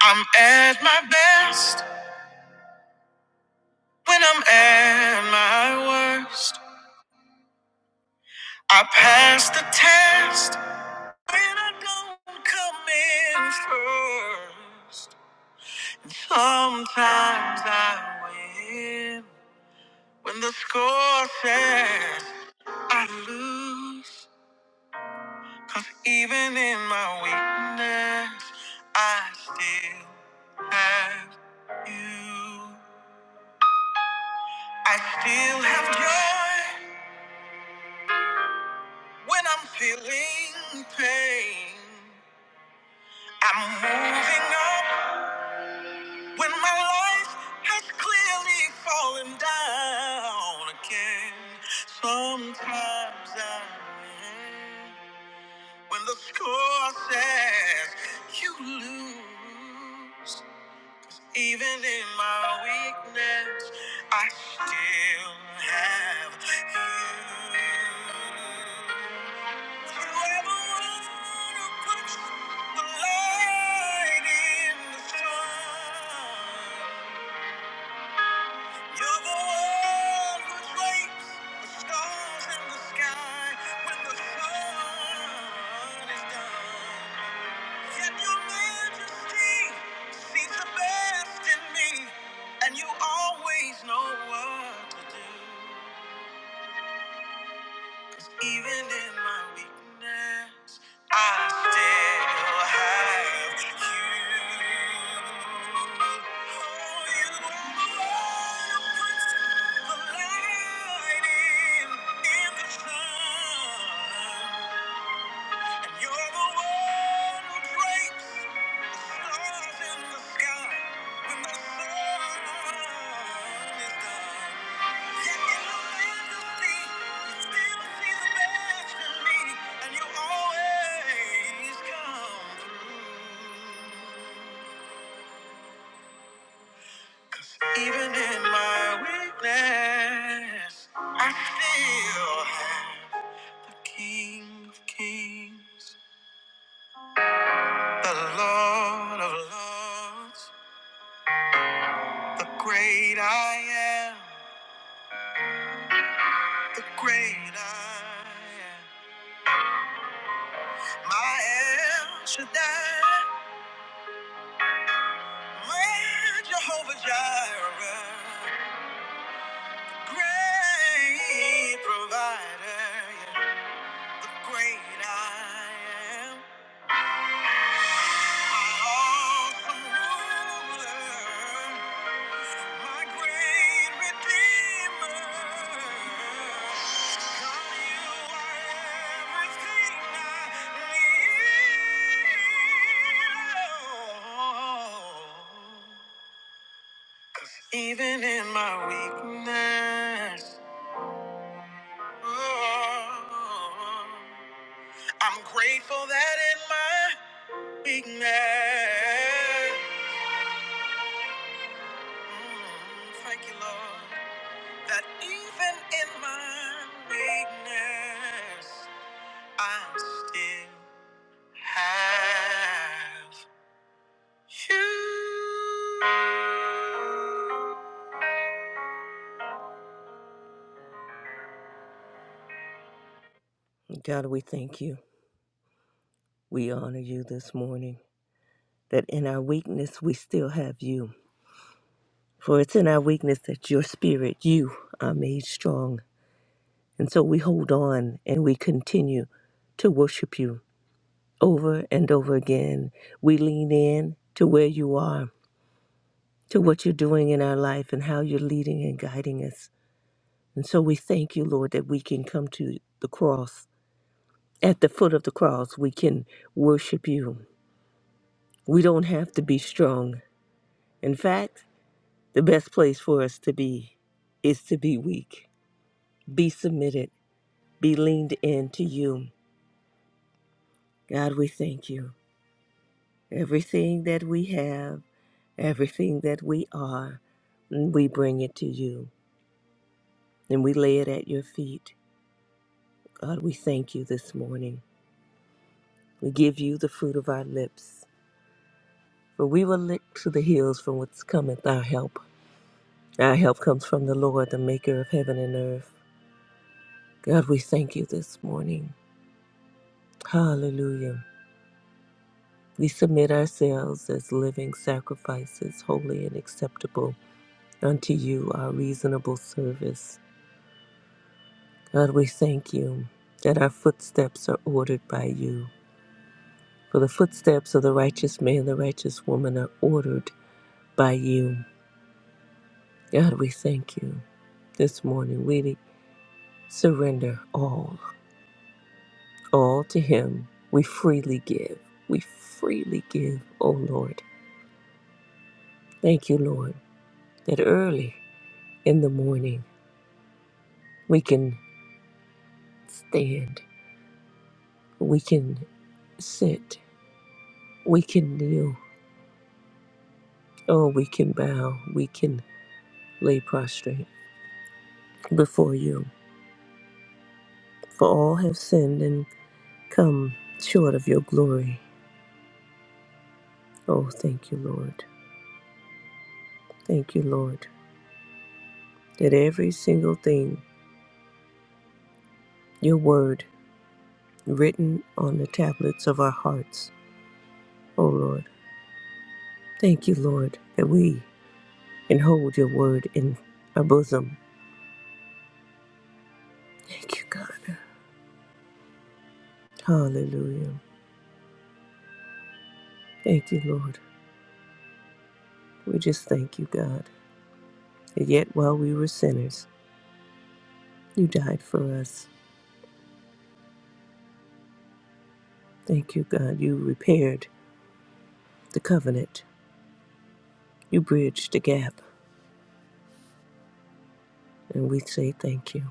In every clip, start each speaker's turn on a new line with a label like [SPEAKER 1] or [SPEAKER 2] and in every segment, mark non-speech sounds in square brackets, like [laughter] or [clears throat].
[SPEAKER 1] I'm at my best when I'm at my worst. I pass the test when I don't come in first. Sometimes I win when the score says I lose. Cause even in my weakness, I still have you. I still have joy. When I'm feeling pain, I'm moving up. When my life has clearly fallen down again, sometimes I. When the score says you lose, even in my weakness, I still have you. And you always know what to do. Even in my weakness, I still have you. And you're the one who and breaks even in my weakness, I still have the King of Kings, the Lord of Lords, the great I am. the great I am. My El Shaddai, my Jehovah Jireh, great provider, yeah, the great I am. My awesome ruler, My great Redeemer, God, you are everything I need. Even in my weakness, oh, I'm grateful that in my weakness, mm, thank you, Lord. that even in my weakness, I still have you. God, we thank you. We honor you this morning. That in our weakness, we still have you. For it's in our weakness that your spirit, you, are made strong. And so we hold on and we continue to worship you over and over again. We lean in to where you are to what you're doing in our life and how you're leading and guiding us. And so we thank you, Lord, that we can come to the cross. At the foot of the cross, we can worship you. We don't have to be strong. In fact, the best place for us to be is to be weak, be submitted, be leaned in to you. God, we thank you. Everything that we have, everything that we are, we bring it to you and we lay it at your feet. God, we thank you this morning. We give you the fruit of our lips, for we will look to the hills from whence cometh our help. Our help comes from the Lord, the maker of heaven and earth. God, we thank you this morning. Hallelujah. We submit ourselves as living sacrifices, holy and acceptable unto you, our reasonable service. God, we thank you that our footsteps are ordered by you. For the footsteps of the righteous man, the righteous woman are ordered by you. God, we thank you this morning. We surrender all, all to Him. We freely give. We freely give, O Lord. Thank you, Lord, that early in the morning we can stand, we can sit, we can kneel, oh, we can bow, we can lay prostrate before you. For all have sinned and come short of your glory. Oh, thank you, Lord. Thank you, Lord. that every single thing, your word, written on the tablets of our hearts, O Lord. Thank you, Lord, that we can hold your word in our bosom. Thank you, God. Hallelujah. Thank you, Lord. We just thank you, God. And yet while we were sinners, you died for us. Thank you, God. You repaired the covenant. You bridged the gap. And we say thank you.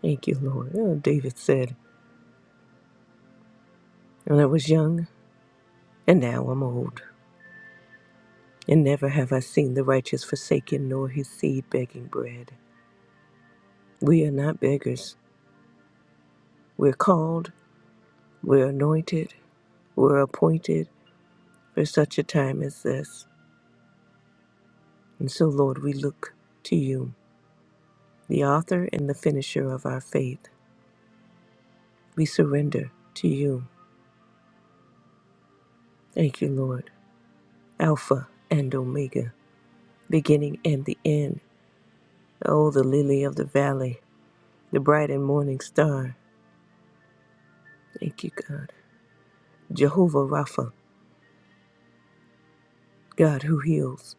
[SPEAKER 1] Thank you, Lord. Oh, David said, When I was young, and now I'm old. And never have I seen the righteous forsaken, nor his seed begging bread. We are not beggars. We're called, we're anointed, we're appointed for such a time as this. And so, Lord, we look to you, the author and the finisher of our faith. We surrender to you. Thank you, Lord. Alpha and Omega, beginning and the end. Oh, the lily of the valley, the bright and morning star. Thank you, God. Jehovah Rapha, God who heals.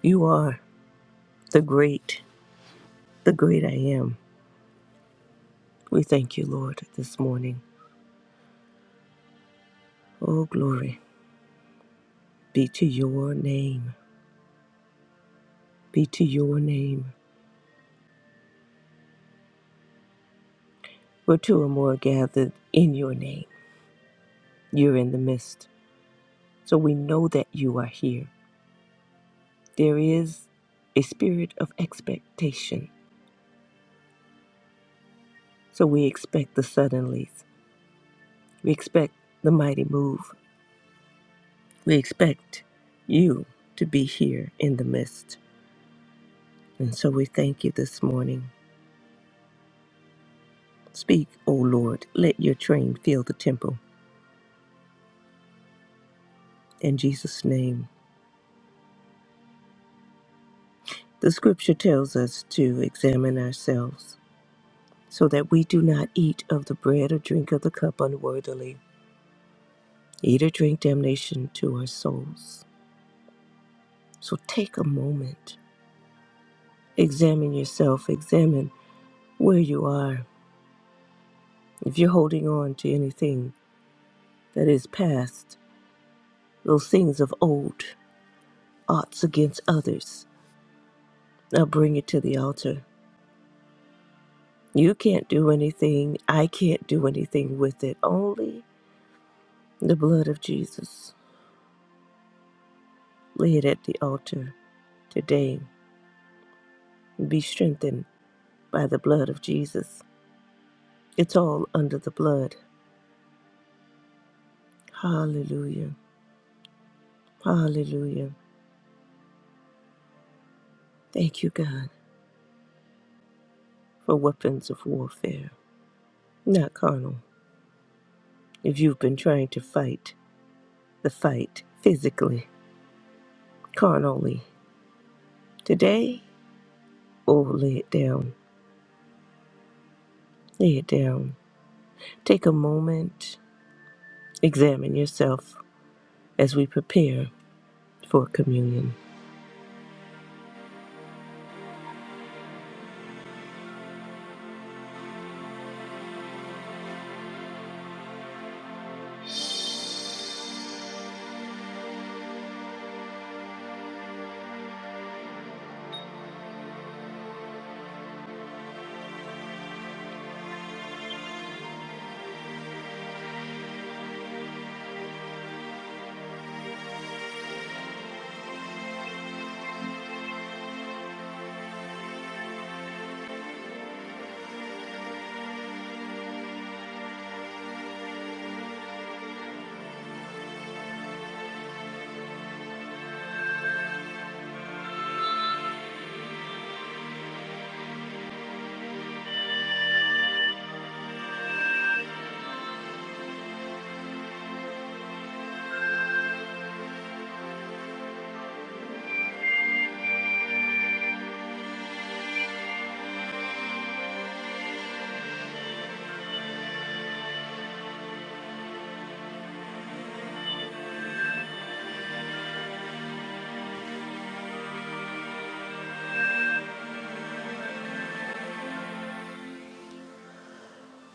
[SPEAKER 1] You are the great, the great I am. We thank you, Lord, this morning. Oh, glory be to your name. Be to your name. Where two or more are gathered in your name, you're in the midst. So we know that you are here. There is a spirit of expectation. So we expect the suddenlies. We expect the mighty move. We expect you to be here in the midst. And so we thank you this morning. Speak, O Lord, let your train fill the temple. In Jesus' name. The scripture tells us to examine ourselves so that we do not eat of the bread or drink of the cup unworthily, eat or drink damnation to our souls. So take a moment, examine yourself, examine where you are. If you're holding on to anything that is past, those things of old, oughts against others, now bring it to the altar You can't do anything. I can't do anything with it. Only the blood of Jesus. Lay it at the altar today. Be strengthened by the blood of Jesus. It's all under the blood. Hallelujah. Hallelujah. Thank you, God, for weapons of warfare, not carnal. If you've been trying to fight the fight physically, carnally, today, oh, lay it down. Lay it down. Take a moment Examine yourself as we prepare for communion.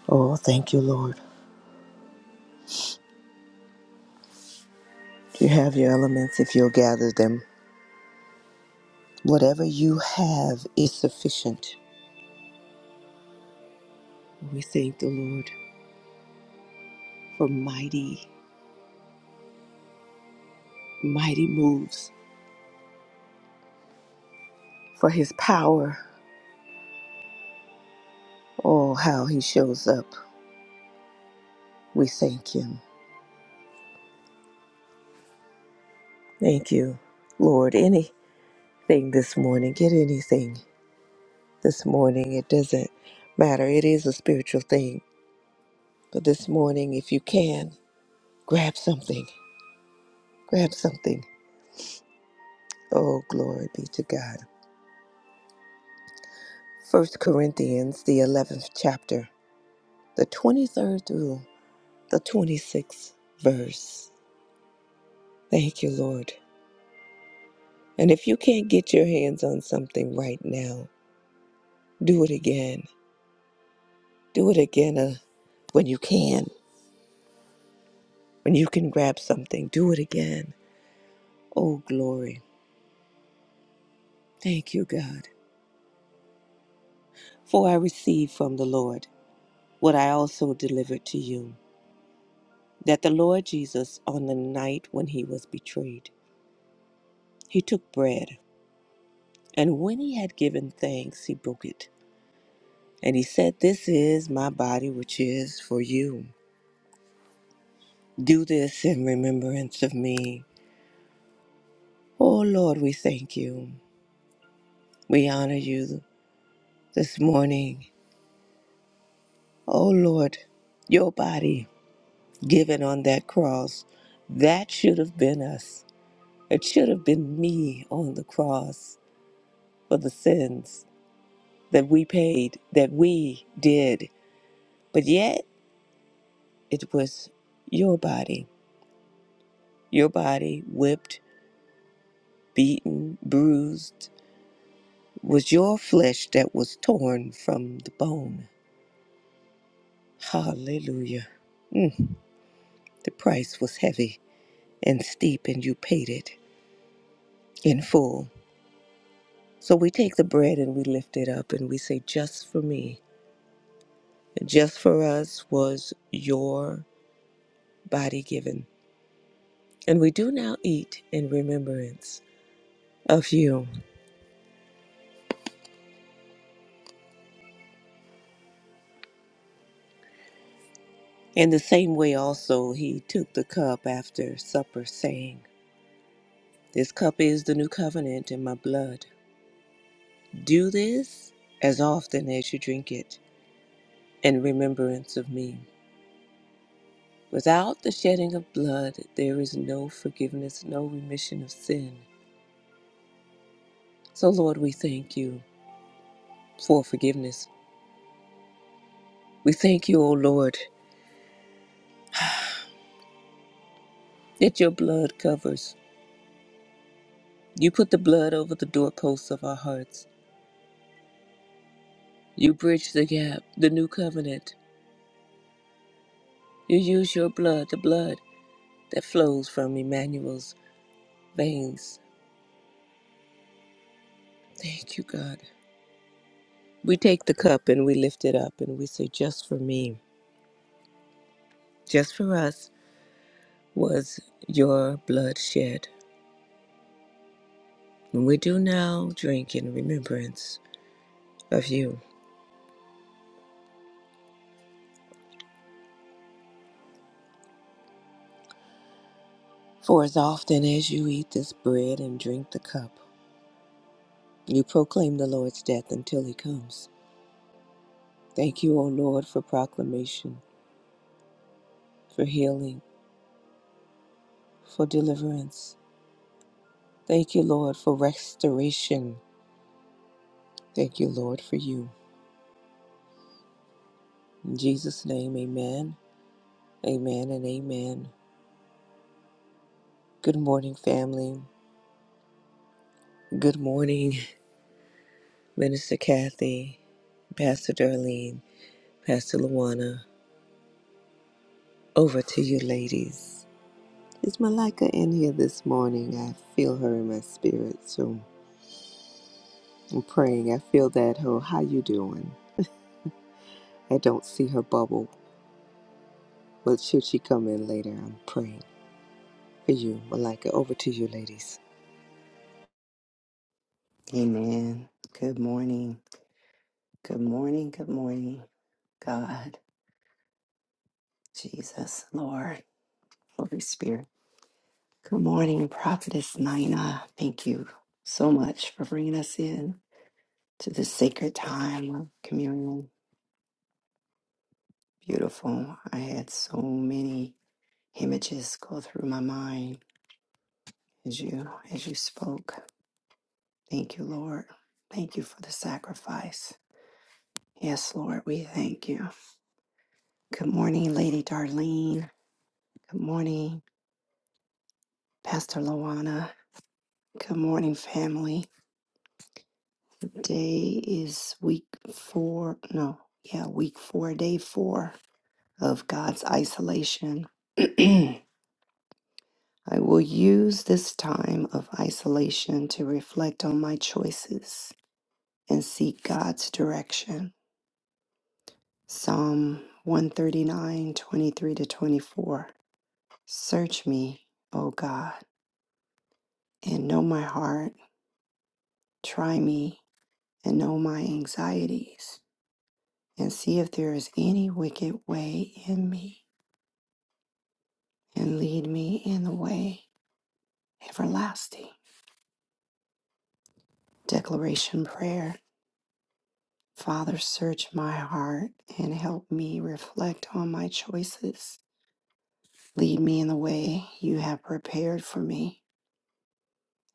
[SPEAKER 1] Oh, thank you, Lord. You have your elements if you'll gather them. Whatever you have is sufficient. We thank the Lord for mighty, mighty moves, for his power. Oh, how he shows up. We thank him. Thank you, Lord. Anything this morning, get anything this morning. It doesn't matter. It is a spiritual thing. But this morning, if you can, grab something. Grab something. Oh, glory be to God. First Corinthians, the 11th chapter, the 23rd through the 26th verse. Thank you, Lord. And if you can't get your hands on something right now, do it again. Do it again uh, when you can. When you can grab something, do it again. Oh, glory. Thank you, God. For I received from the Lord what I also delivered to you that the Lord Jesus, on the night when he was betrayed, He took bread, and when he had given thanks, he broke it. And he said, This is my body, which is for you. Do this in remembrance of me. Oh Lord, we thank you. We honor you this morning. Oh Lord, your body given on that cross, that should have been us. It should have been me on the cross for the sins that we paid, that we did. But yet, it was your body Your body, whipped, beaten, bruised, was your flesh that was torn from the bone. Hallelujah. Mm, the price was heavy and steep, and you paid it in full. So we take the bread and we lift it up and we say, Just for me, just for us was your body given. And we do now eat in remembrance of you. In the same way, also, he took the cup after supper, saying, This cup is the new covenant in my blood. Do this as often as you drink it in remembrance of me. Without the shedding of blood, there is no forgiveness, no remission of sin. So, Lord, we thank you for forgiveness. We thank you, O Lord, that your blood covers. You put the blood over the doorposts of our hearts. You bridge the gap, the new covenant. You use your blood, the blood that flows from Emmanuel's veins. Thank you, God. We take the cup and we lift it up and we say, Just for me, just for us was your blood shed. And we do now drink in remembrance of you. For as often as you eat this bread and drink the cup, you proclaim the Lord's death until he comes. Thank you, O Lord, for proclamation, for healing, for deliverance. Thank you, Lord, for restoration. Thank you, Lord, for you. In Jesus' name, amen, amen, and amen. Good morning, family. Good morning, [laughs] Minister Kathy, Pastor Darlene, Pastor Luana. Over to you, ladies. Is Malika in here this morning? I feel her in my spirit, so I'm praying. I feel that her. How you doing? I don't see her bubble, but should she come in later, I'm praying for you, Malika. Over to you, ladies.
[SPEAKER 2] Amen. Good morning. Good morning. Good morning. God, Jesus, Lord, Holy Spirit. Good morning, Prophetess Nina. Thank you so much for bringing us in to this sacred time of communion. Beautiful. I had so many images go through my mind as you as you spoke. Thank you, Lord. Thank you for the sacrifice. Yes, Lord, we thank you. Good morning, Lady Darlene. Good morning, Pastor Lawana. Good morning, family. Today is week four. No, yeah, week four, day four of God's isolation. [clears throat] I will use this time of isolation to reflect on my choices and seek God's direction. Psalm one thirty nine twenty three to 24. Search me, O God, and know my heart. Try me and know my anxieties and see if there is any wicked way in me, and lead me in the way everlasting. Declaration Prayer Father, search my heart and help me reflect on my choices. Lead me in the way you have prepared for me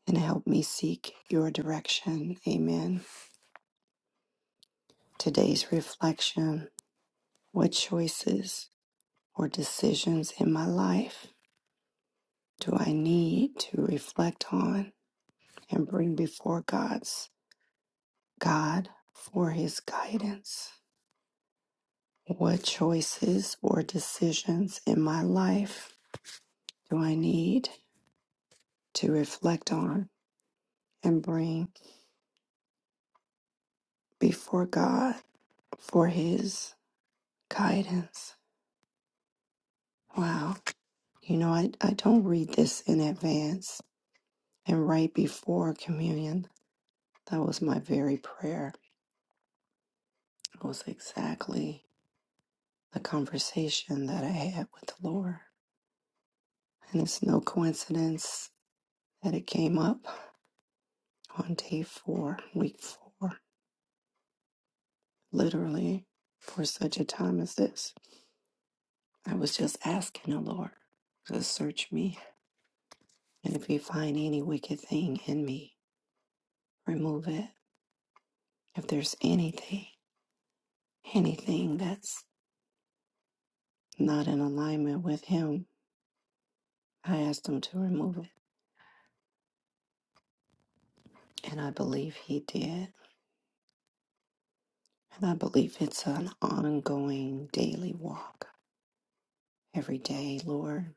[SPEAKER 2] and help me seek your direction. Amen. Today's reflection What choices or decisions in my life do I need to reflect on and bring before God's? God for his guidance. What choices or decisions in my life do I need to reflect on and bring before God for his guidance? Wow. You know, I, I don't read this in advance. And right before communion, that was my very prayer. It was exactly the conversation that I had with the Lord. And it's no coincidence that it came up on day four, week four, literally for such a time as this. I was just asking the Lord to search me. And if you find any wicked thing in me, remove it. If there's anything, anything that's not in alignment with Him, I asked Him to remove it. And I believe He did. And I believe it's an ongoing daily walk. Every day, Lord,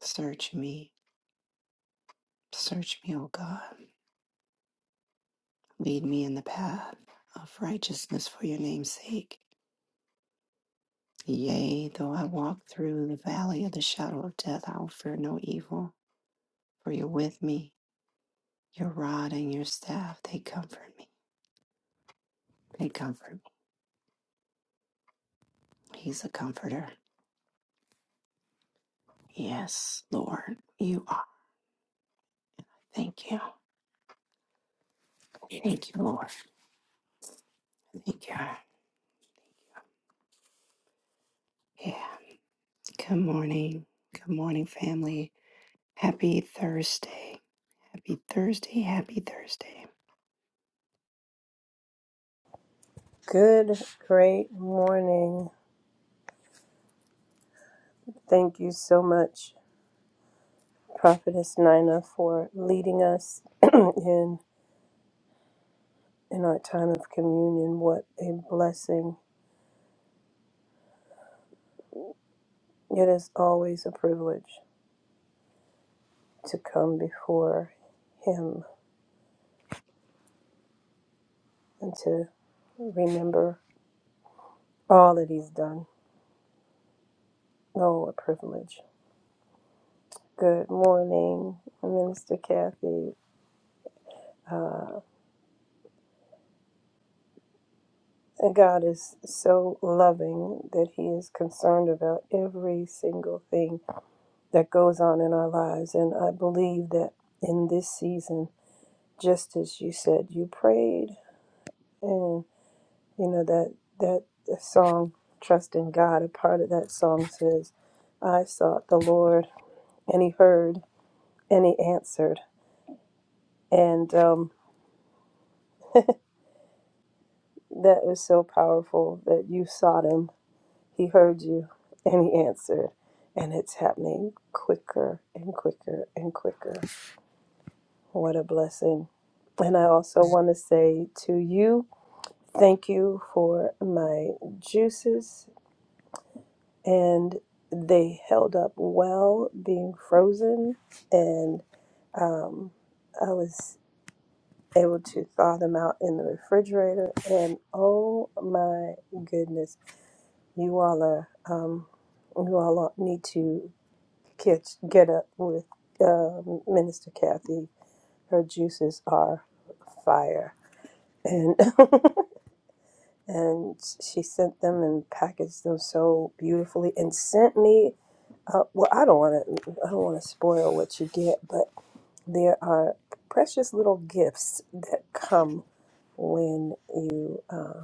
[SPEAKER 2] search me. Search me, oh God. Lead me in the path of righteousness for your name's sake. Yea, though I walk through the valley of the shadow of death, I will fear no evil, for you're with me. Your rod and your staff, they comfort me. They comfort me. He's a comforter. Yes, Lord, you are. Thank you. Thank you, Lord. Thank you. Yeah. Good morning. Good morning, family. Happy Thursday. Happy Thursday. Happy Thursday.
[SPEAKER 3] Good, great morning. Thank you so much, Prophetess Nina, for leading us [clears throat] in in our time of communion. What a blessing. It is always a privilege to come before him and to remember all that he's done. Oh, a privilege. Good morning, Minister Kathy. Uh, and God is so loving that he is concerned about every single thing that goes on in our lives. And I believe that in this season, just as you said, you prayed, and you know that that song, "Trust in God." A part of that song says, "I sought the Lord, and He heard, and He answered." And um, that is so powerful that you sought Him, He heard you, and He answered. And it's happening quicker and quicker and quicker. What a blessing. And I also want to say to you Thank you for my juices, and they held up well being frozen, and um, I was able to thaw them out in the refrigerator. And oh my goodness, you all are um, you all are- need to catch get up with um Minister Kathy. Her juices are fire, and [laughs] and she sent them and packaged them so beautifully and sent me uh, well i don't want to i don't want to spoil what you get but there are precious little gifts that come when you uh,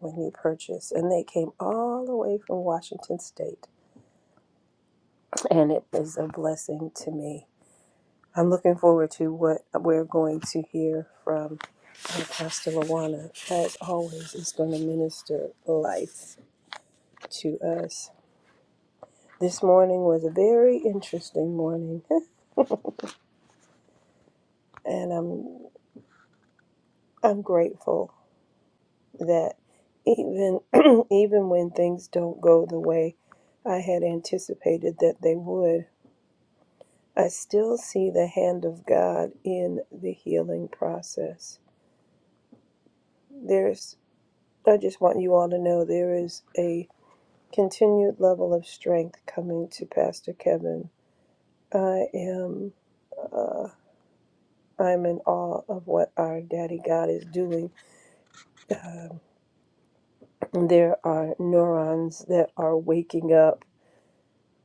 [SPEAKER 3] when you purchase and they came all the way from washington state and it was a blessing to me i'm looking forward to what we're going to hear from uh, pastor lawana as always is going to minister life to us. This morning was a very interesting morning, [laughs] and I'm I'm grateful that even [clears throat] even when things don't go the way I had anticipated that they would, I still see the hand of God in the healing process. There's I just want you all to know there is a continued level of strength coming to Pastor Kevin. I am. uh, I'm in awe of what our daddy God is doing. Um, there are neurons that are waking up.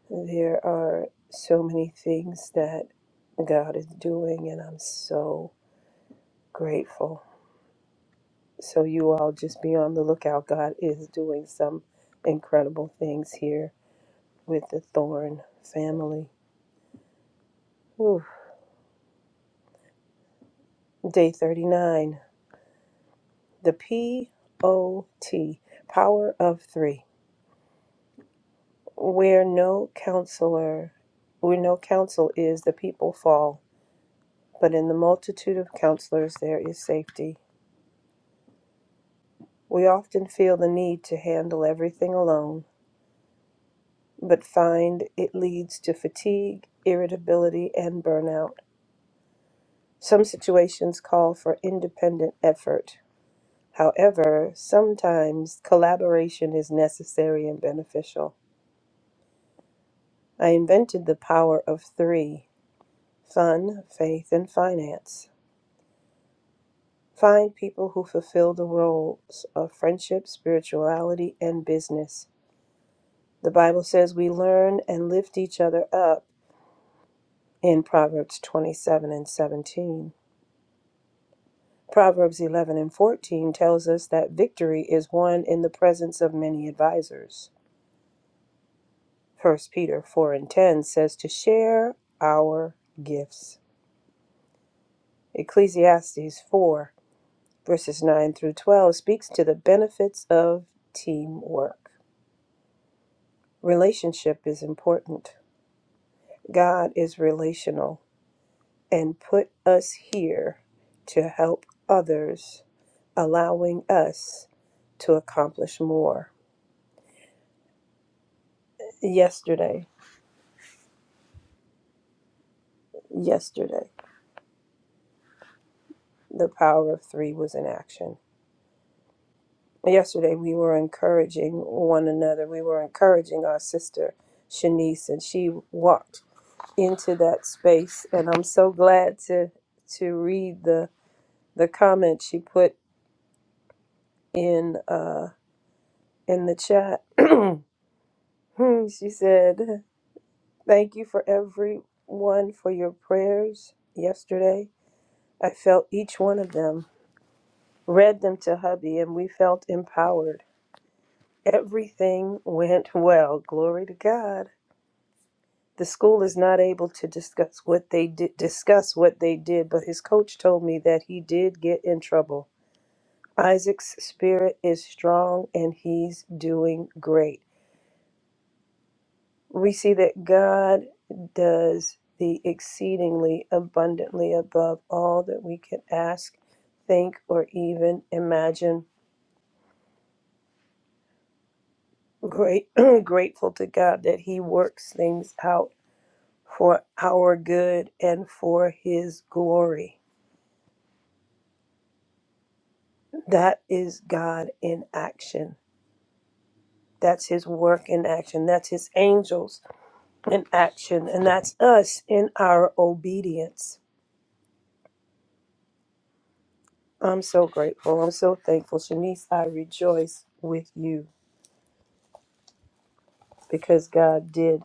[SPEAKER 3] There are so many things that God is doing, and I'm so grateful. So, you all just be on the lookout. God is doing some incredible things here with the Thorn family. Whew. Day 39, the P O T, power of three. Where no counselor, where no counsel is, the people fall, but in the multitude of counselors there is safety. We often feel the need to handle everything alone, but find it leads to fatigue, irritability, and burnout. Some situations call for independent effort. However, sometimes collaboration is necessary and beneficial. I invented the power of three fun, faith, and finance. Find people who fulfill the roles of friendship, spirituality, and business. The Bible says we learn and lift each other up in Proverbs 27 and 17. Proverbs 11 and 14 tells us that victory is won in the presence of many advisors. First Peter 4 and 10 says to share our gifts. Ecclesiastes 4 verses 9 through 12 speaks to the benefits of teamwork. Relationship is important. God is relational and put us here to help others, allowing us to accomplish more. Yesterday, yesterday, the power of three was in action. Yesterday, we were encouraging one another. We were encouraging our sister, Shanice, and she walked into that space. And I'm so glad to to read the the comment she put in. uh, in the chat. [clears throat] she said, Thank you for everyone for your prayers yesterday. I felt each one of them, read them to hubby, and we felt empowered. Everything went well. Glory to God. The school is not able to discuss what they did, discuss what they did, but his coach told me that he did get in trouble. Isaac's spirit is strong and he's doing great. we see that God does the exceedingly abundantly above all that we can ask, think, or even imagine. Great, [clears throat] grateful to God that He works things out for our good and for His glory. That is God in action. That's His work in action. That's His angels in action. And that's us in our obedience. I'm so grateful. I'm so thankful. Shanice, I rejoice with you because God did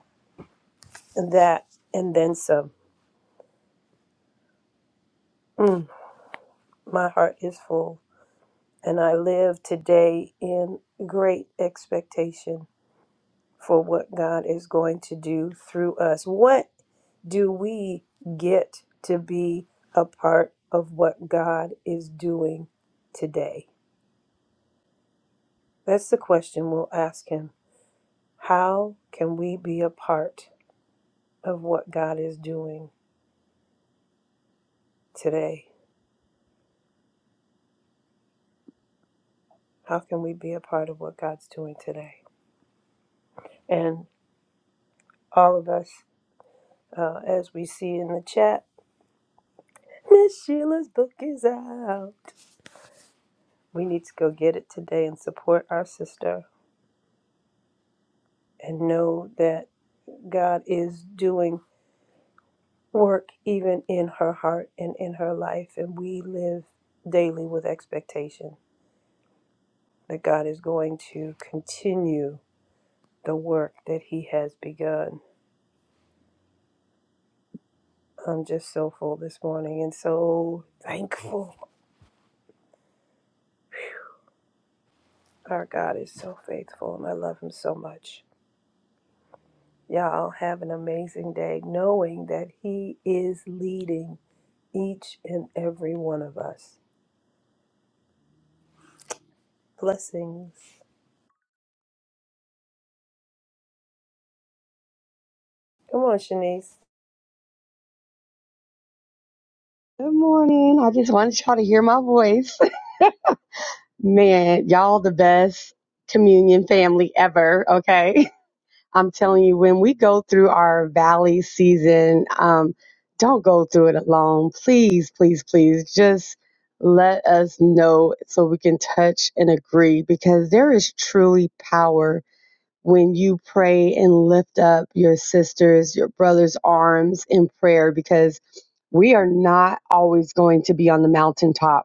[SPEAKER 3] that and then some. Mm, my heart is full, and I live today in great expectation for what God is going to do through us. What do we get to be a part of what God is doing today? That's the question we'll ask Him. How can we be a part of what God is doing? today? How can we be a part of what God's doing today? And all of us, uh, as we see in the chat, [laughs] Miss Sheila's book is out. We need to go get it today and support our sister and know that God is doing work even in her heart and in her life. And we live daily with expectation that God is going to continue the work that He has begun. I'm just so full this morning and so thankful Our God is so faithful and I love him so much. Y'all have an amazing day knowing that he is leading each and every one of us. Blessings. Come on, Shanice.
[SPEAKER 4] Good morning. I just wanted y'all to hear my voice. [laughs] Man, y'all the best communion family ever. Okay. [laughs] I'm telling you, when we go through our valley season, um, don't go through it alone. Please, please, please just let us know so we can touch and agree because there is truly power when you pray and lift up your sisters, your brothers' arms in prayer because we are not always going to be on the mountaintop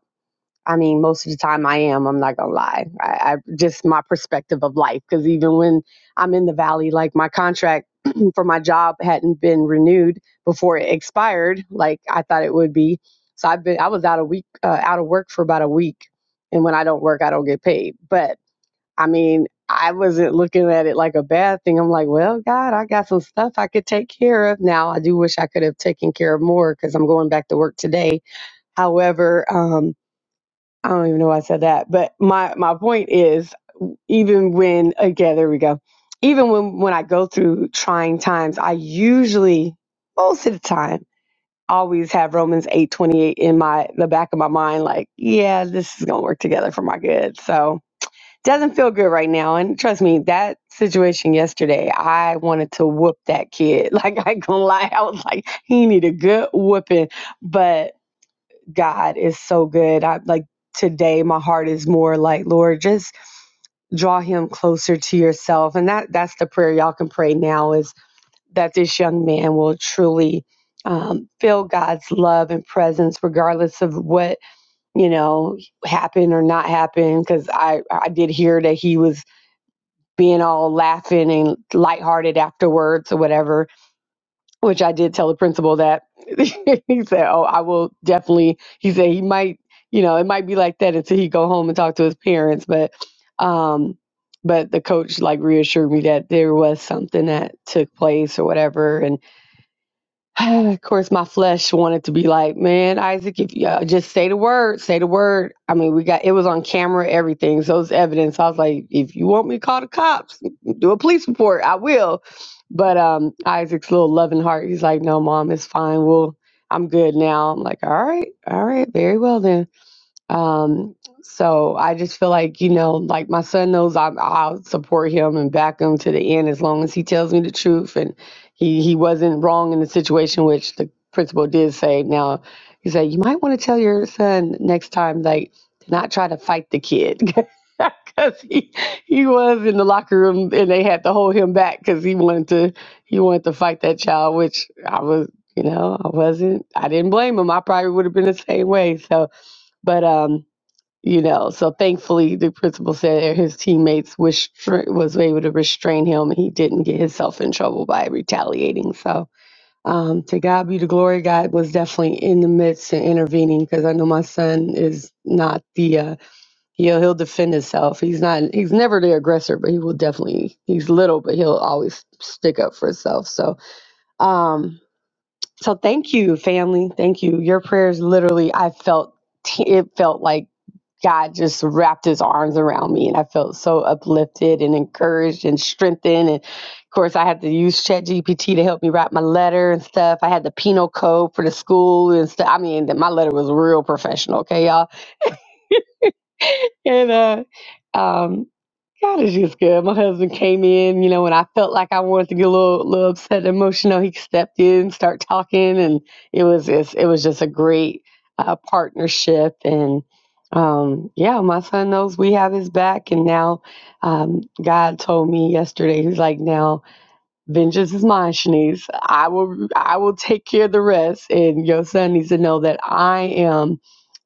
[SPEAKER 4] I mean, most of the time I am. I'm not gonna lie. I, I just my perspective of life. Because even when I'm in the valley, like my contract [clears throat] for my job hadn't been renewed before it expired, like I thought it would be. So I've been. I was out a week, uh, out of work for about a week. And when I don't work, I don't get paid. But I mean, I wasn't looking at it like a bad thing. I'm like, well, God, I got some stuff I could take care of now. I do wish I could have taken care of more because I'm going back to work today. However, um, I don't even know why I said that, but my my point is, even when again, there we go. Even when when I go through trying times, I usually most of the time always have Romans eight twenty eight in my the back of my mind, like yeah, this is gonna work together for my good. So doesn't feel good right now, and trust me, that situation yesterday, I wanted to whoop that kid. [laughs] Like I ain't gonna lie, I was like, he need a good whooping, but God is so good. I like today my heart is more like, Lord, just draw him closer to yourself. And that that's the prayer y'all can pray now is that this young man will truly um, feel God's love and presence regardless of what, you know, happened or not happened. Cause I, I did hear that he was being all laughing and lighthearted afterwards or whatever which I did tell the principal that [laughs] he said, "Oh, I will definitely." He said he might, you know, it might be like that until he go home and talk to his parents, but um but the coach like reassured me that there was something that took place or whatever [sighs] of course, my flesh wanted to be like, man, Isaac, if you uh, just say the word, say the word. I mean, we got it was on camera, everything, so it's evidence. I was like, if you want me to call the cops, do a police report, I will. But um, Isaac's little loving heart, he's like, no, mom, it's fine. Well, I'm good now. I'm like, all right, all right, very well then. Um, so I just feel like, you know, like my son knows I'm, I'll support him and back him to the end as long as he tells me the truth and he, he wasn't wrong in the situation, which the principal did say. Now, he said, you might want to tell your son next time, like, to not try to fight the kid. [laughs] Because he, he was in the locker room and they had to hold him back because he wanted to he wanted to fight that child, which I was, you know, I wasn't, I didn't blame him. I probably would have been the same way. So, but um, you know so thankfully the principal said his teammates was was able to restrain him and he didn't get himself in trouble by retaliating so um, to god be the glory god was definitely in the midst and intervening because i know my son is not the uh, he'll, he'll defend himself he's not he's never the aggressor but he will definitely he's little but he'll always stick up for himself so um so thank you, family. Thank you. Your prayers literally, I felt, t- it felt like God just wrapped his arms around me and I felt so uplifted and encouraged and strengthened. And of course, I had to use ChatGPT to help me write my letter and stuff. I had the penal code for the school and stuff. I mean, my letter was real professional, okay, y'all? And uh, um, God is just good. My husband came in, you know, when I felt like I wanted to get a little, little upset, and emotional. He stepped in, start talking, and it was it's, it was just a great uh, partnership. And um, yeah, my son knows we have his back. And now um, God told me yesterday, he's like, now vengeance is mine, Shanice. I will I will take care of the rest. And your son needs to know that I am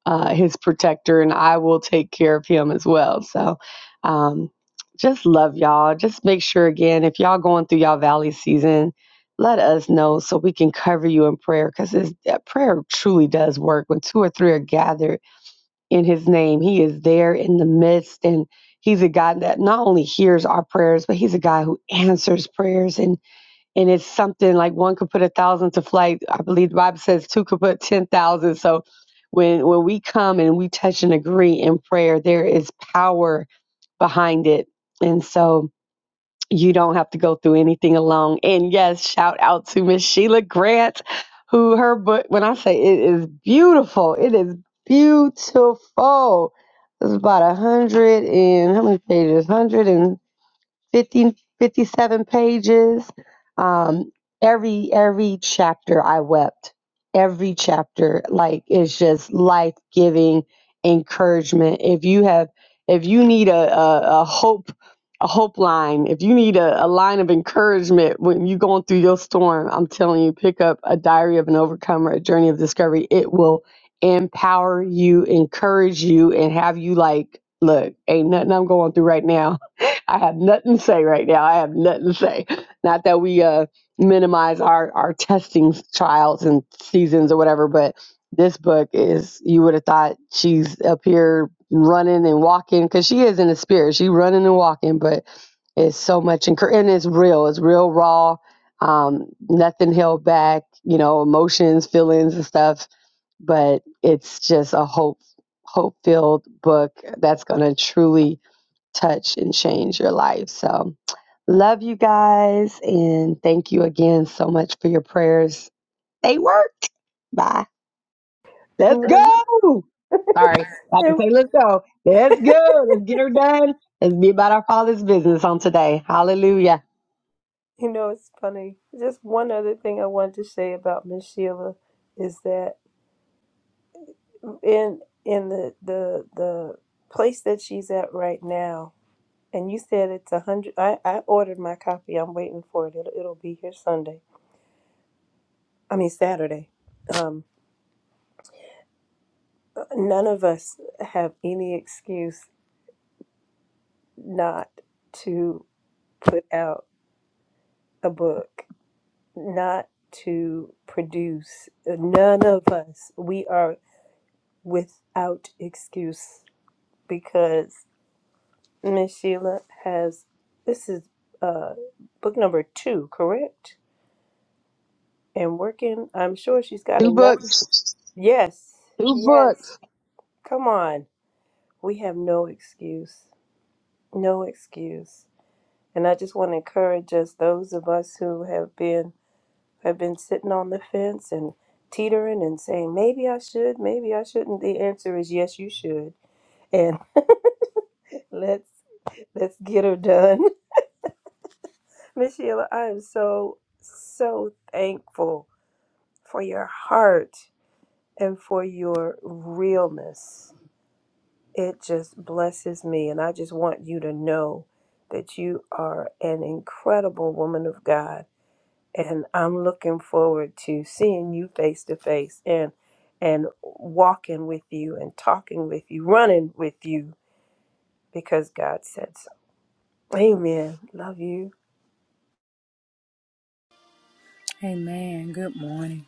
[SPEAKER 4] uh, his protector and I will take care of him as well. So um, just love y'all. Just make sure again, if y'all going through y'all valley season, let us know so we can cover you in prayer because prayer truly does work. When two or three are gathered in his name, he is there in the midst. And he's a God that not only hears our prayers, but he's a God who answers prayers. And and it's something like one could put a thousand to flight. I believe the Bible says two could put ten thousand. So when when we come and we touch and agree in prayer, there is power behind it. And so you don't have to go through anything alone. And yes, shout out to Miss Sheila Grant, who her book when I say it is beautiful, it is beautiful. It's about a hundred and how many pages? Hundred and. 50 57 pages. Um, every every chapter I wept. Every chapter, like it's just life giving encouragement. If you have, if you need a, a, a hope, a hope line, if you need a, a line of encouragement when you're going through your storm, I'm telling you, pick up a diary of an overcomer, a journey of discovery. It will empower you, encourage you, and have you like, look, ain't nothing I'm going through right now I have nothing to say right now. I have nothing to say. Not that we uh, minimize our our testing trials and seasons or whatever, but this book is you would have thought she's up here running and walking because she is in the spirit. She running and walking, but it's so much encour- and it's real. It's real raw. Um, nothing held back. You know, emotions, feelings, and stuff. But it's just a hope hope filled book that's gonna truly touch and change your life. So, love you guys. And thank you again so much for your prayers. They worked. Bye.
[SPEAKER 3] Come
[SPEAKER 4] Let's
[SPEAKER 3] on.
[SPEAKER 4] go. Sorry. I have to say, let's go. Let's go. Let's get her done. Let's be about our Father's business on today. Hallelujah.
[SPEAKER 3] you know, it's funny. Just one other thing I wanted to say about Miss Sheila is that in in the, the the place that she's at right now, and you said it's a hundred. I, I ordered my copy. I'm waiting for it. It'll, it'll be here Sunday I mean Saturday. Um, none of us have any excuse not to put out a book, not to produce. None of us. We are without excuse because Miss Sheila has. This is uh, book number two, correct? And working. I'm sure she's got
[SPEAKER 4] Two
[SPEAKER 3] another.
[SPEAKER 4] books.
[SPEAKER 3] Yes.
[SPEAKER 4] Two books.
[SPEAKER 3] Yes. Come on. We have no excuse. No excuse. And I just want to encourage us, those of us who have been have been sitting on the fence and teetering and saying, maybe I should, maybe I shouldn't. The answer is yes, you should. And [laughs] let's let's get her done. [laughs] Miss Sheila, I am so so thankful for your heart and for your realness. It just blesses me and I just want you to know that you are an incredible woman of God and I'm looking forward to seeing you face to face and and walking with you and talking with you, running with you because God said so. Amen. Love you.
[SPEAKER 5] Amen. Good morning.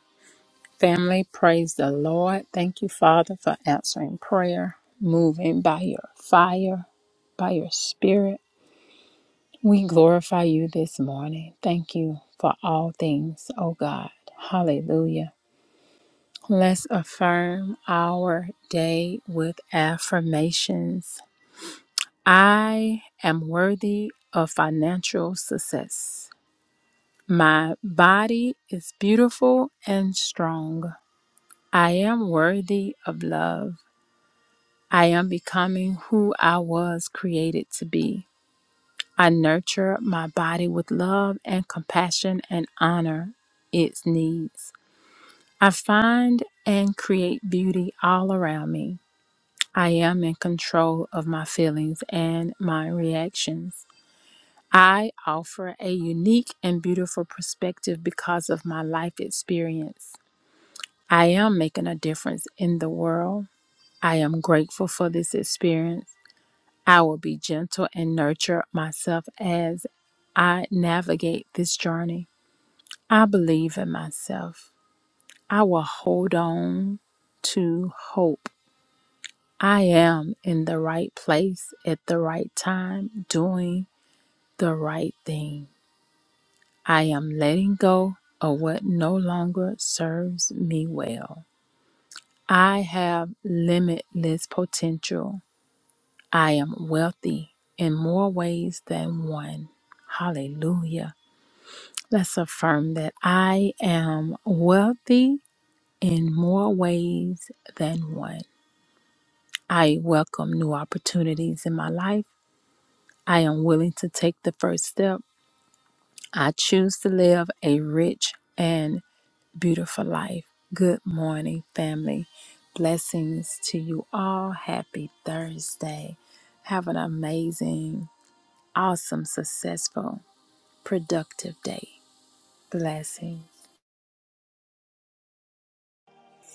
[SPEAKER 5] Family, praise the Lord. Thank you, Father, for answering prayer, moving by your fire, by your spirit. We glorify you this morning. Thank you for all things, oh God. Hallelujah. Let's affirm our day with affirmations. I am worthy of financial success. My body is beautiful and strong. I am worthy of love. I am becoming who I was created to be. I nurture my body with love and compassion and honor its needs. I find and create beauty all around me. I am in control of my feelings and my reactions. I offer a unique and beautiful perspective because of my life experience. I am making a difference in the world. I am grateful for this experience. I will be gentle and nurture myself as I navigate this journey. I believe in myself. I will hold on to hope. I am in the right place at the right time, doing the right thing. I am letting go of what no longer serves me well. I have limitless potential. I am wealthy in more ways than one. Hallelujah. Let's affirm that I am wealthy in more ways than one. I welcome new opportunities in my life. I am willing to take the first step. I choose to live a rich and beautiful life. Good morning, family. Blessings to you all. Happy Thursday. Have an amazing, awesome, successful productive day. Blessings.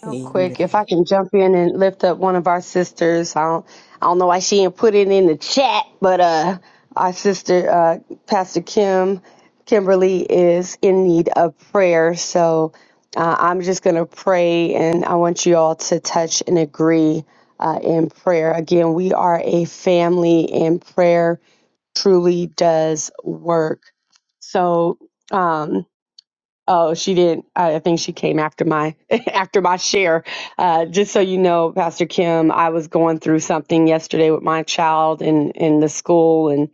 [SPEAKER 4] Real quick, if
[SPEAKER 1] Amen.
[SPEAKER 4] I can jump in and lift up one of our sisters, I don't, I don't know why she didn't put it in the chat, but uh, our sister, uh, Pastor Kim, Kimberly is in need of prayer. So uh, I'm just going to pray and I want you all to touch and agree uh, in prayer. Again, we are a family and prayer truly does work. So um, Oh, she didn't. I I think she came after my [laughs] after my share. Uh, just so you know, Pastor Kim, I was going through something yesterday with my child in in the school, and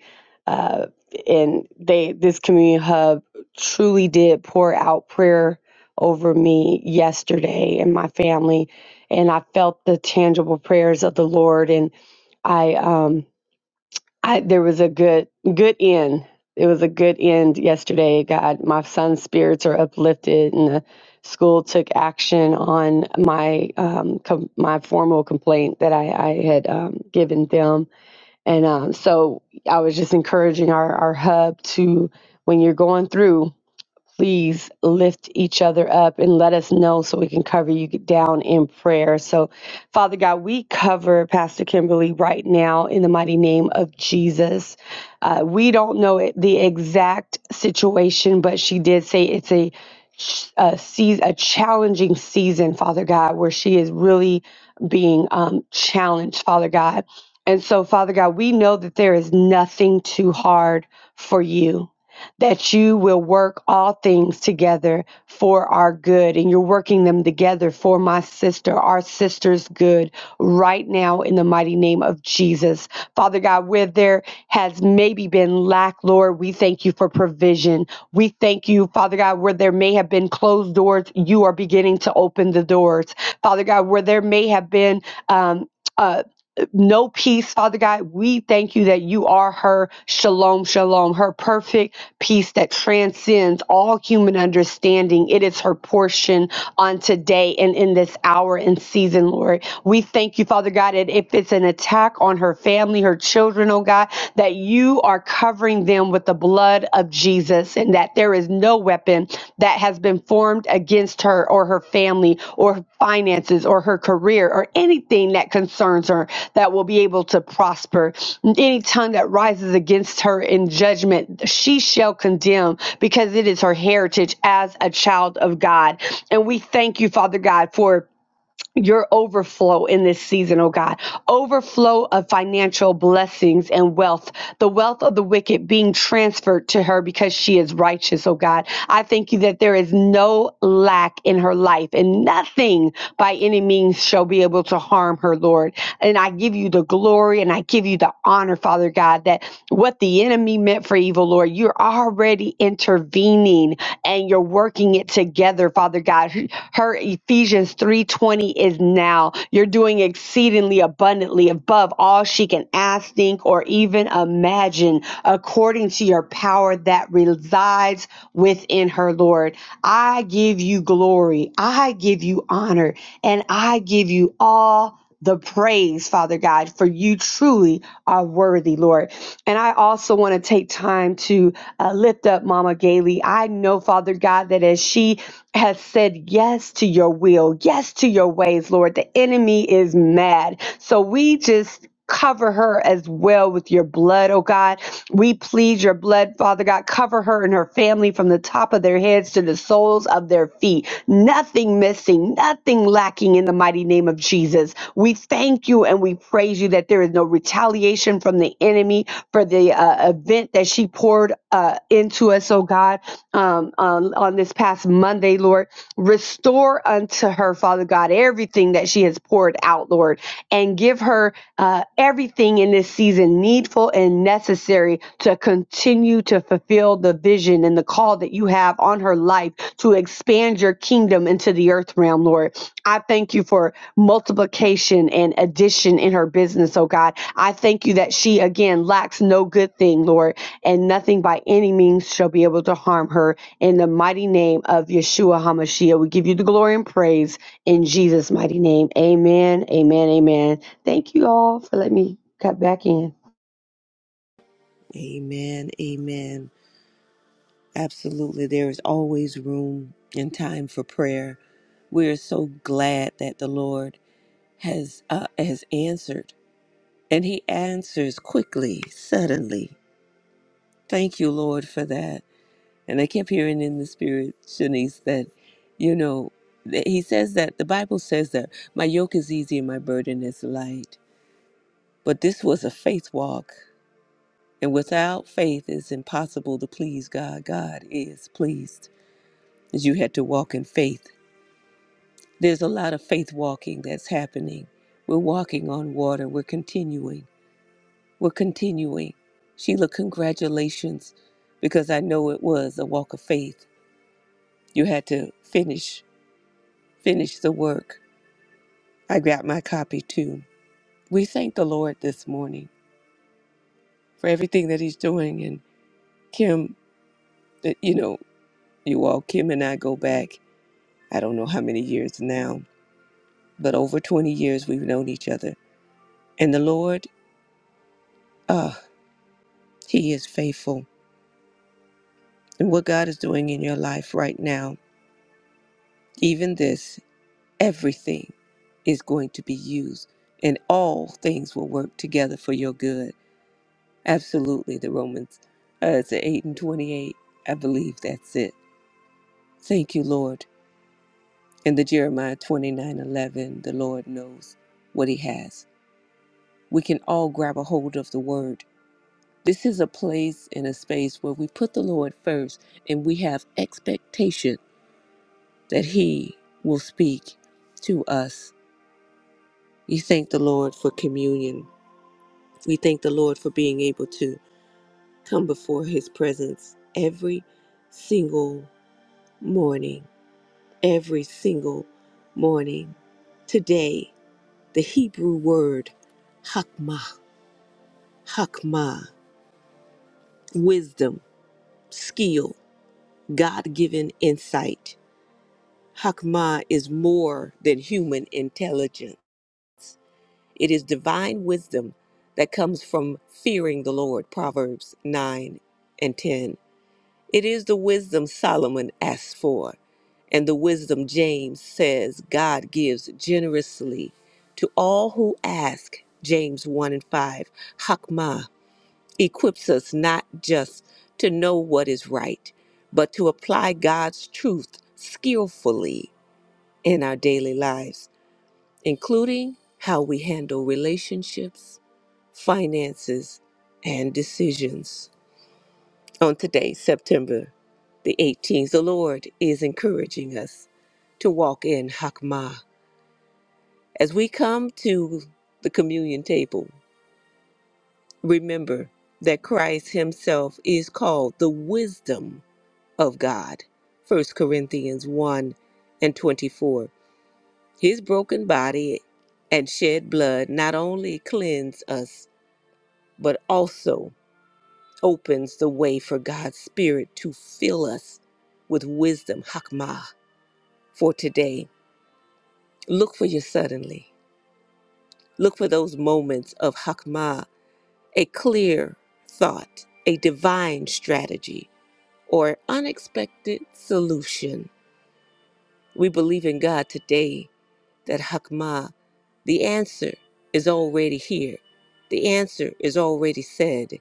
[SPEAKER 4] uh, and they this community hub truly did pour out prayer over me yesterday and my family, and I felt the tangible prayers of the Lord, and I um I there was a good good end. It was a good end yesterday. God, my son's spirits are uplifted, and the school took action on my um, com- my formal complaint that I, I had um, given them. And um, so I was just encouraging our our hub to when you're going through please lift each other up and let us know so we can cover you down in prayer. So, Father God, we cover Pastor Kimberly right now in the mighty name of Jesus. Uh, we don't know it, the exact situation, but she did say it's a a, season, a challenging season, Father God, where she is really being um, challenged, Father God. And so, Father God, we know that there is nothing too hard for you that you will work all things together for our good. And you're working them together for my sister, our sister's good, right now in the mighty name of Jesus. Father God, where there has maybe been lack, Lord, we thank you for provision. We thank you, Father God, where there may have been closed doors, you are beginning to open the doors. Father God, where there may have been, um, uh no peace, Father God. We thank you that you are her shalom, shalom, her perfect peace that transcends all human understanding. It is her portion on today and in this hour and season, Lord. We thank you, Father God, that if it's an attack on her family, her children, oh God, that you are covering them with the blood of Jesus. Jesus and that there is no weapon that has been formed against her or her family or her finances or her career or anything that concerns her that will be able to prosper. Any tongue that rises against her in judgment, she shall condemn because it is her heritage as a child of God. And we thank you, Father God, for your overflow in this season, oh God. Overflow of financial blessings and wealth, the wealth of the wicked being transferred to her because she is righteous, oh God. I thank you that there is no lack in her life and nothing by any means shall be able to harm her, Lord. And I give you the glory and I give you the honor, Father God, that what the enemy meant for evil, Lord, you're already intervening and you're working it together, Father God. Her Ephesians 3:20 is now. You're doing exceedingly abundantly above all she can ask, think, or even imagine, according to your power that resides within her, Lord. I give you glory. I give you honor, and I give you all the praise, Father God, for you truly are worthy, Lord. And I also want to take time to uh, lift up Mama Gailey. I know, Father God, that as she has said yes to your will, yes to your ways, Lord. The enemy is mad. So we just cover her as well with your blood, oh God. We plead your blood, Father God. Cover her and her family from the top of their heads to the soles of their feet. Nothing missing, nothing lacking in the mighty name of Jesus. We thank you and we praise you that there is no retaliation from the enemy for the uh, event that she poured uh, into us, oh God, um, on, on this past Monday, Lord. Restore unto her, Father God, everything that she has poured out, Lord, and give her uh, everything in this season needful and necessary to continue to fulfill the vision and the call that you have on her life to expand your kingdom into the earth realm, Lord. I thank you for multiplication and addition in her business, oh God. I thank you that she again lacks no good thing, Lord and nothing by any means shall be able to harm her. In the mighty name of Yeshua HaMashiach, we give you the glory and praise in Jesus' mighty name. Amen, amen, amen. Thank you all for letting me cut back in.
[SPEAKER 1] Amen. Amen. Absolutely. There is always room and time for prayer. We are so glad that the Lord has uh, has answered, and He answers quickly, suddenly. Thank you, Lord, for that. And I kept hearing in the spirit, Shanice, that you know, that He says that the Bible says that my yoke is easy and my burden is light. But this was a faith walk, and without faith, it's impossible to please God. God is pleased, as you had to walk in faith There's a lot of faith walking that's happening. We're walking on water. We're continuing. We're continuing. Sheila, congratulations, because I know it was a walk of faith. You had to finish, finish the work. I got my copy too. We thank the Lord this morning for everything that He's doing. And Kim, that you know, you all, Kim and I go back, I don't know how many years now, but over 20 years we've known each other. And the Lord, ah, He is faithful. and what God is doing in your life right now, even this, everything is going to be used and all things will work together for your good. Absolutely, the Romans, uh, it's 8 and 28. I believe that's it. Thank you, Lord. And the Jeremiah 29 11, the Lord knows what he has. We can all grab a hold of the word. This is a place and a space where we put the Lord first and we have expectation that He will speak to us. We thank the Lord for communion. We thank the Lord for being able to come before His presence every single morning. Every single morning. Today, the Hebrew word hakmah, hakmah, wisdom, skill, God given insight. Hakmah is more than human intelligence. It is divine wisdom that comes from fearing the Lord, Proverbs 9 and 10. It is the wisdom Solomon asks for, and the wisdom James says God gives generously to all who ask. James 1 and 5. Hakmah equips us not just to know what is right, but to apply God's truth skillfully in our daily lives, including how we handle relationships finances, and decisions. On today, September the 18th, the Lord is encouraging us to walk in Hakmah. As we come to the communion table, remember that Christ Himself is called the wisdom of God. First Corinthians 1 and 24. His broken body and shed blood not only cleanse us, but also opens the way for God's Spirit to fill us with wisdom, Hakmah, for today. Look for your suddenly. Look for those moments of Hakmah, a clear thought, a divine strategy, or unexpected solution. We believe in God today that Hakmah, the answer is already here. The answer is already said.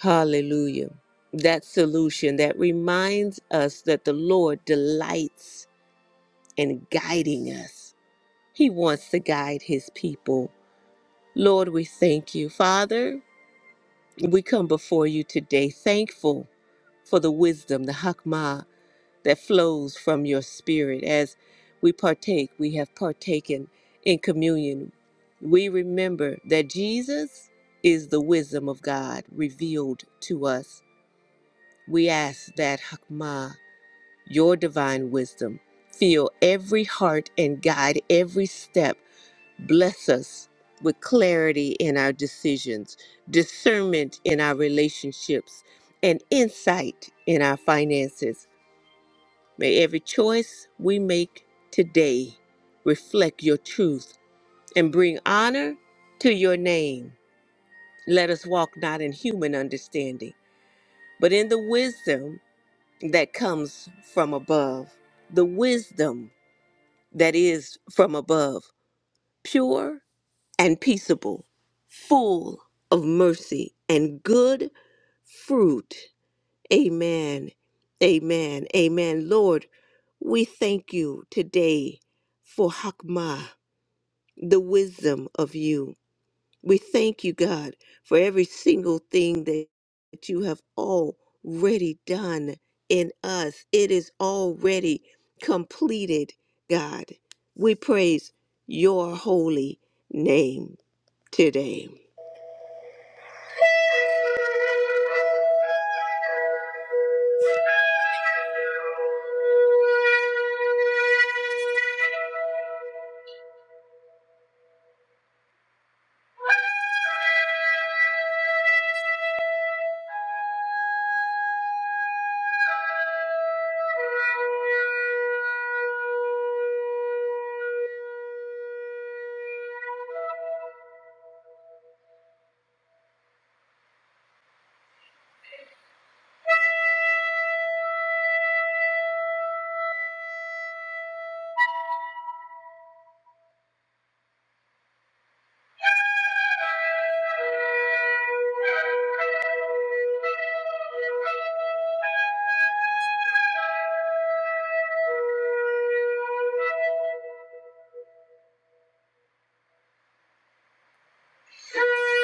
[SPEAKER 1] Hallelujah. That solution that reminds us that the Lord delights in guiding us. He wants to guide his people. Lord, we thank you. Father, we come before you today thankful for the wisdom, the hakmah that flows from your spirit as we partake, we have partaken in communion. We remember that Jesus is the wisdom of God revealed to us. We ask that Hakmah, your divine wisdom, fill every heart and guide every step. Bless us with clarity in our decisions, discernment in our relationships, and insight in our finances. May every choice we make today reflect your truth and bring honor to your name. Let us walk not in human understanding, but in the wisdom that comes from above, the wisdom that is from above, pure and peaceable, full of mercy and good fruit. Amen. Amen. Amen. Lord, we thank you today for Hakmah, the wisdom of you. We thank you, God, for every single thing that that you have already done in us. It is already completed, God. We praise your holy name today. Thank you. Thank you.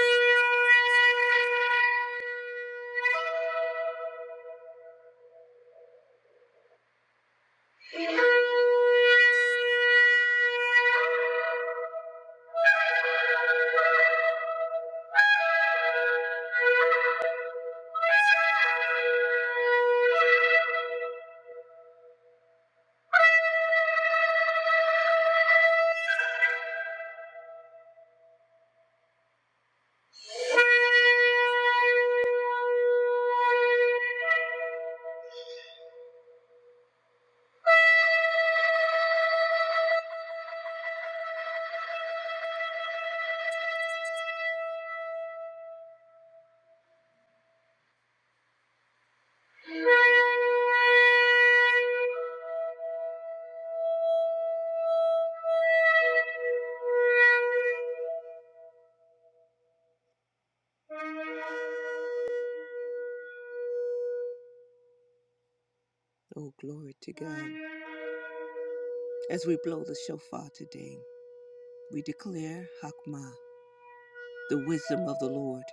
[SPEAKER 1] Oh, glory to God. As we blow the shofar today, we declare Hakmah, the wisdom of the Lord,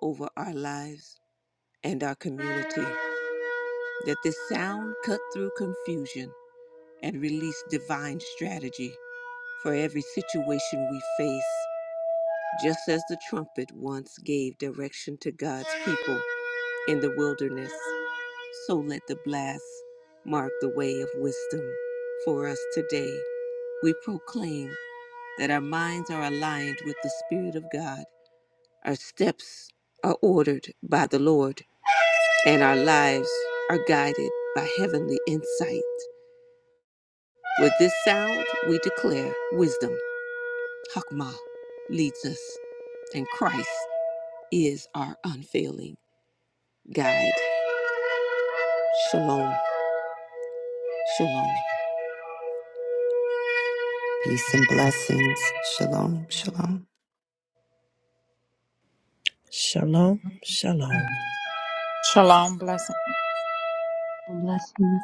[SPEAKER 1] over our lives and our community. Let this sound cut through confusion and release divine strategy for every situation we face, just as the trumpet once gave direction to God's people in the wilderness. So let the blast mark the way of wisdom for us today. We proclaim that our minds are aligned with the Spirit of God, our steps are ordered by the Lord and our lives are guided by heavenly insight. With this sound, we declare wisdom, Hakmah, leads us, and Christ is our unfailing guide. Shalom, shalom.
[SPEAKER 2] Peace and blessings. Shalom. Shalom.
[SPEAKER 5] Shalom. Blessings.
[SPEAKER 4] Blessings.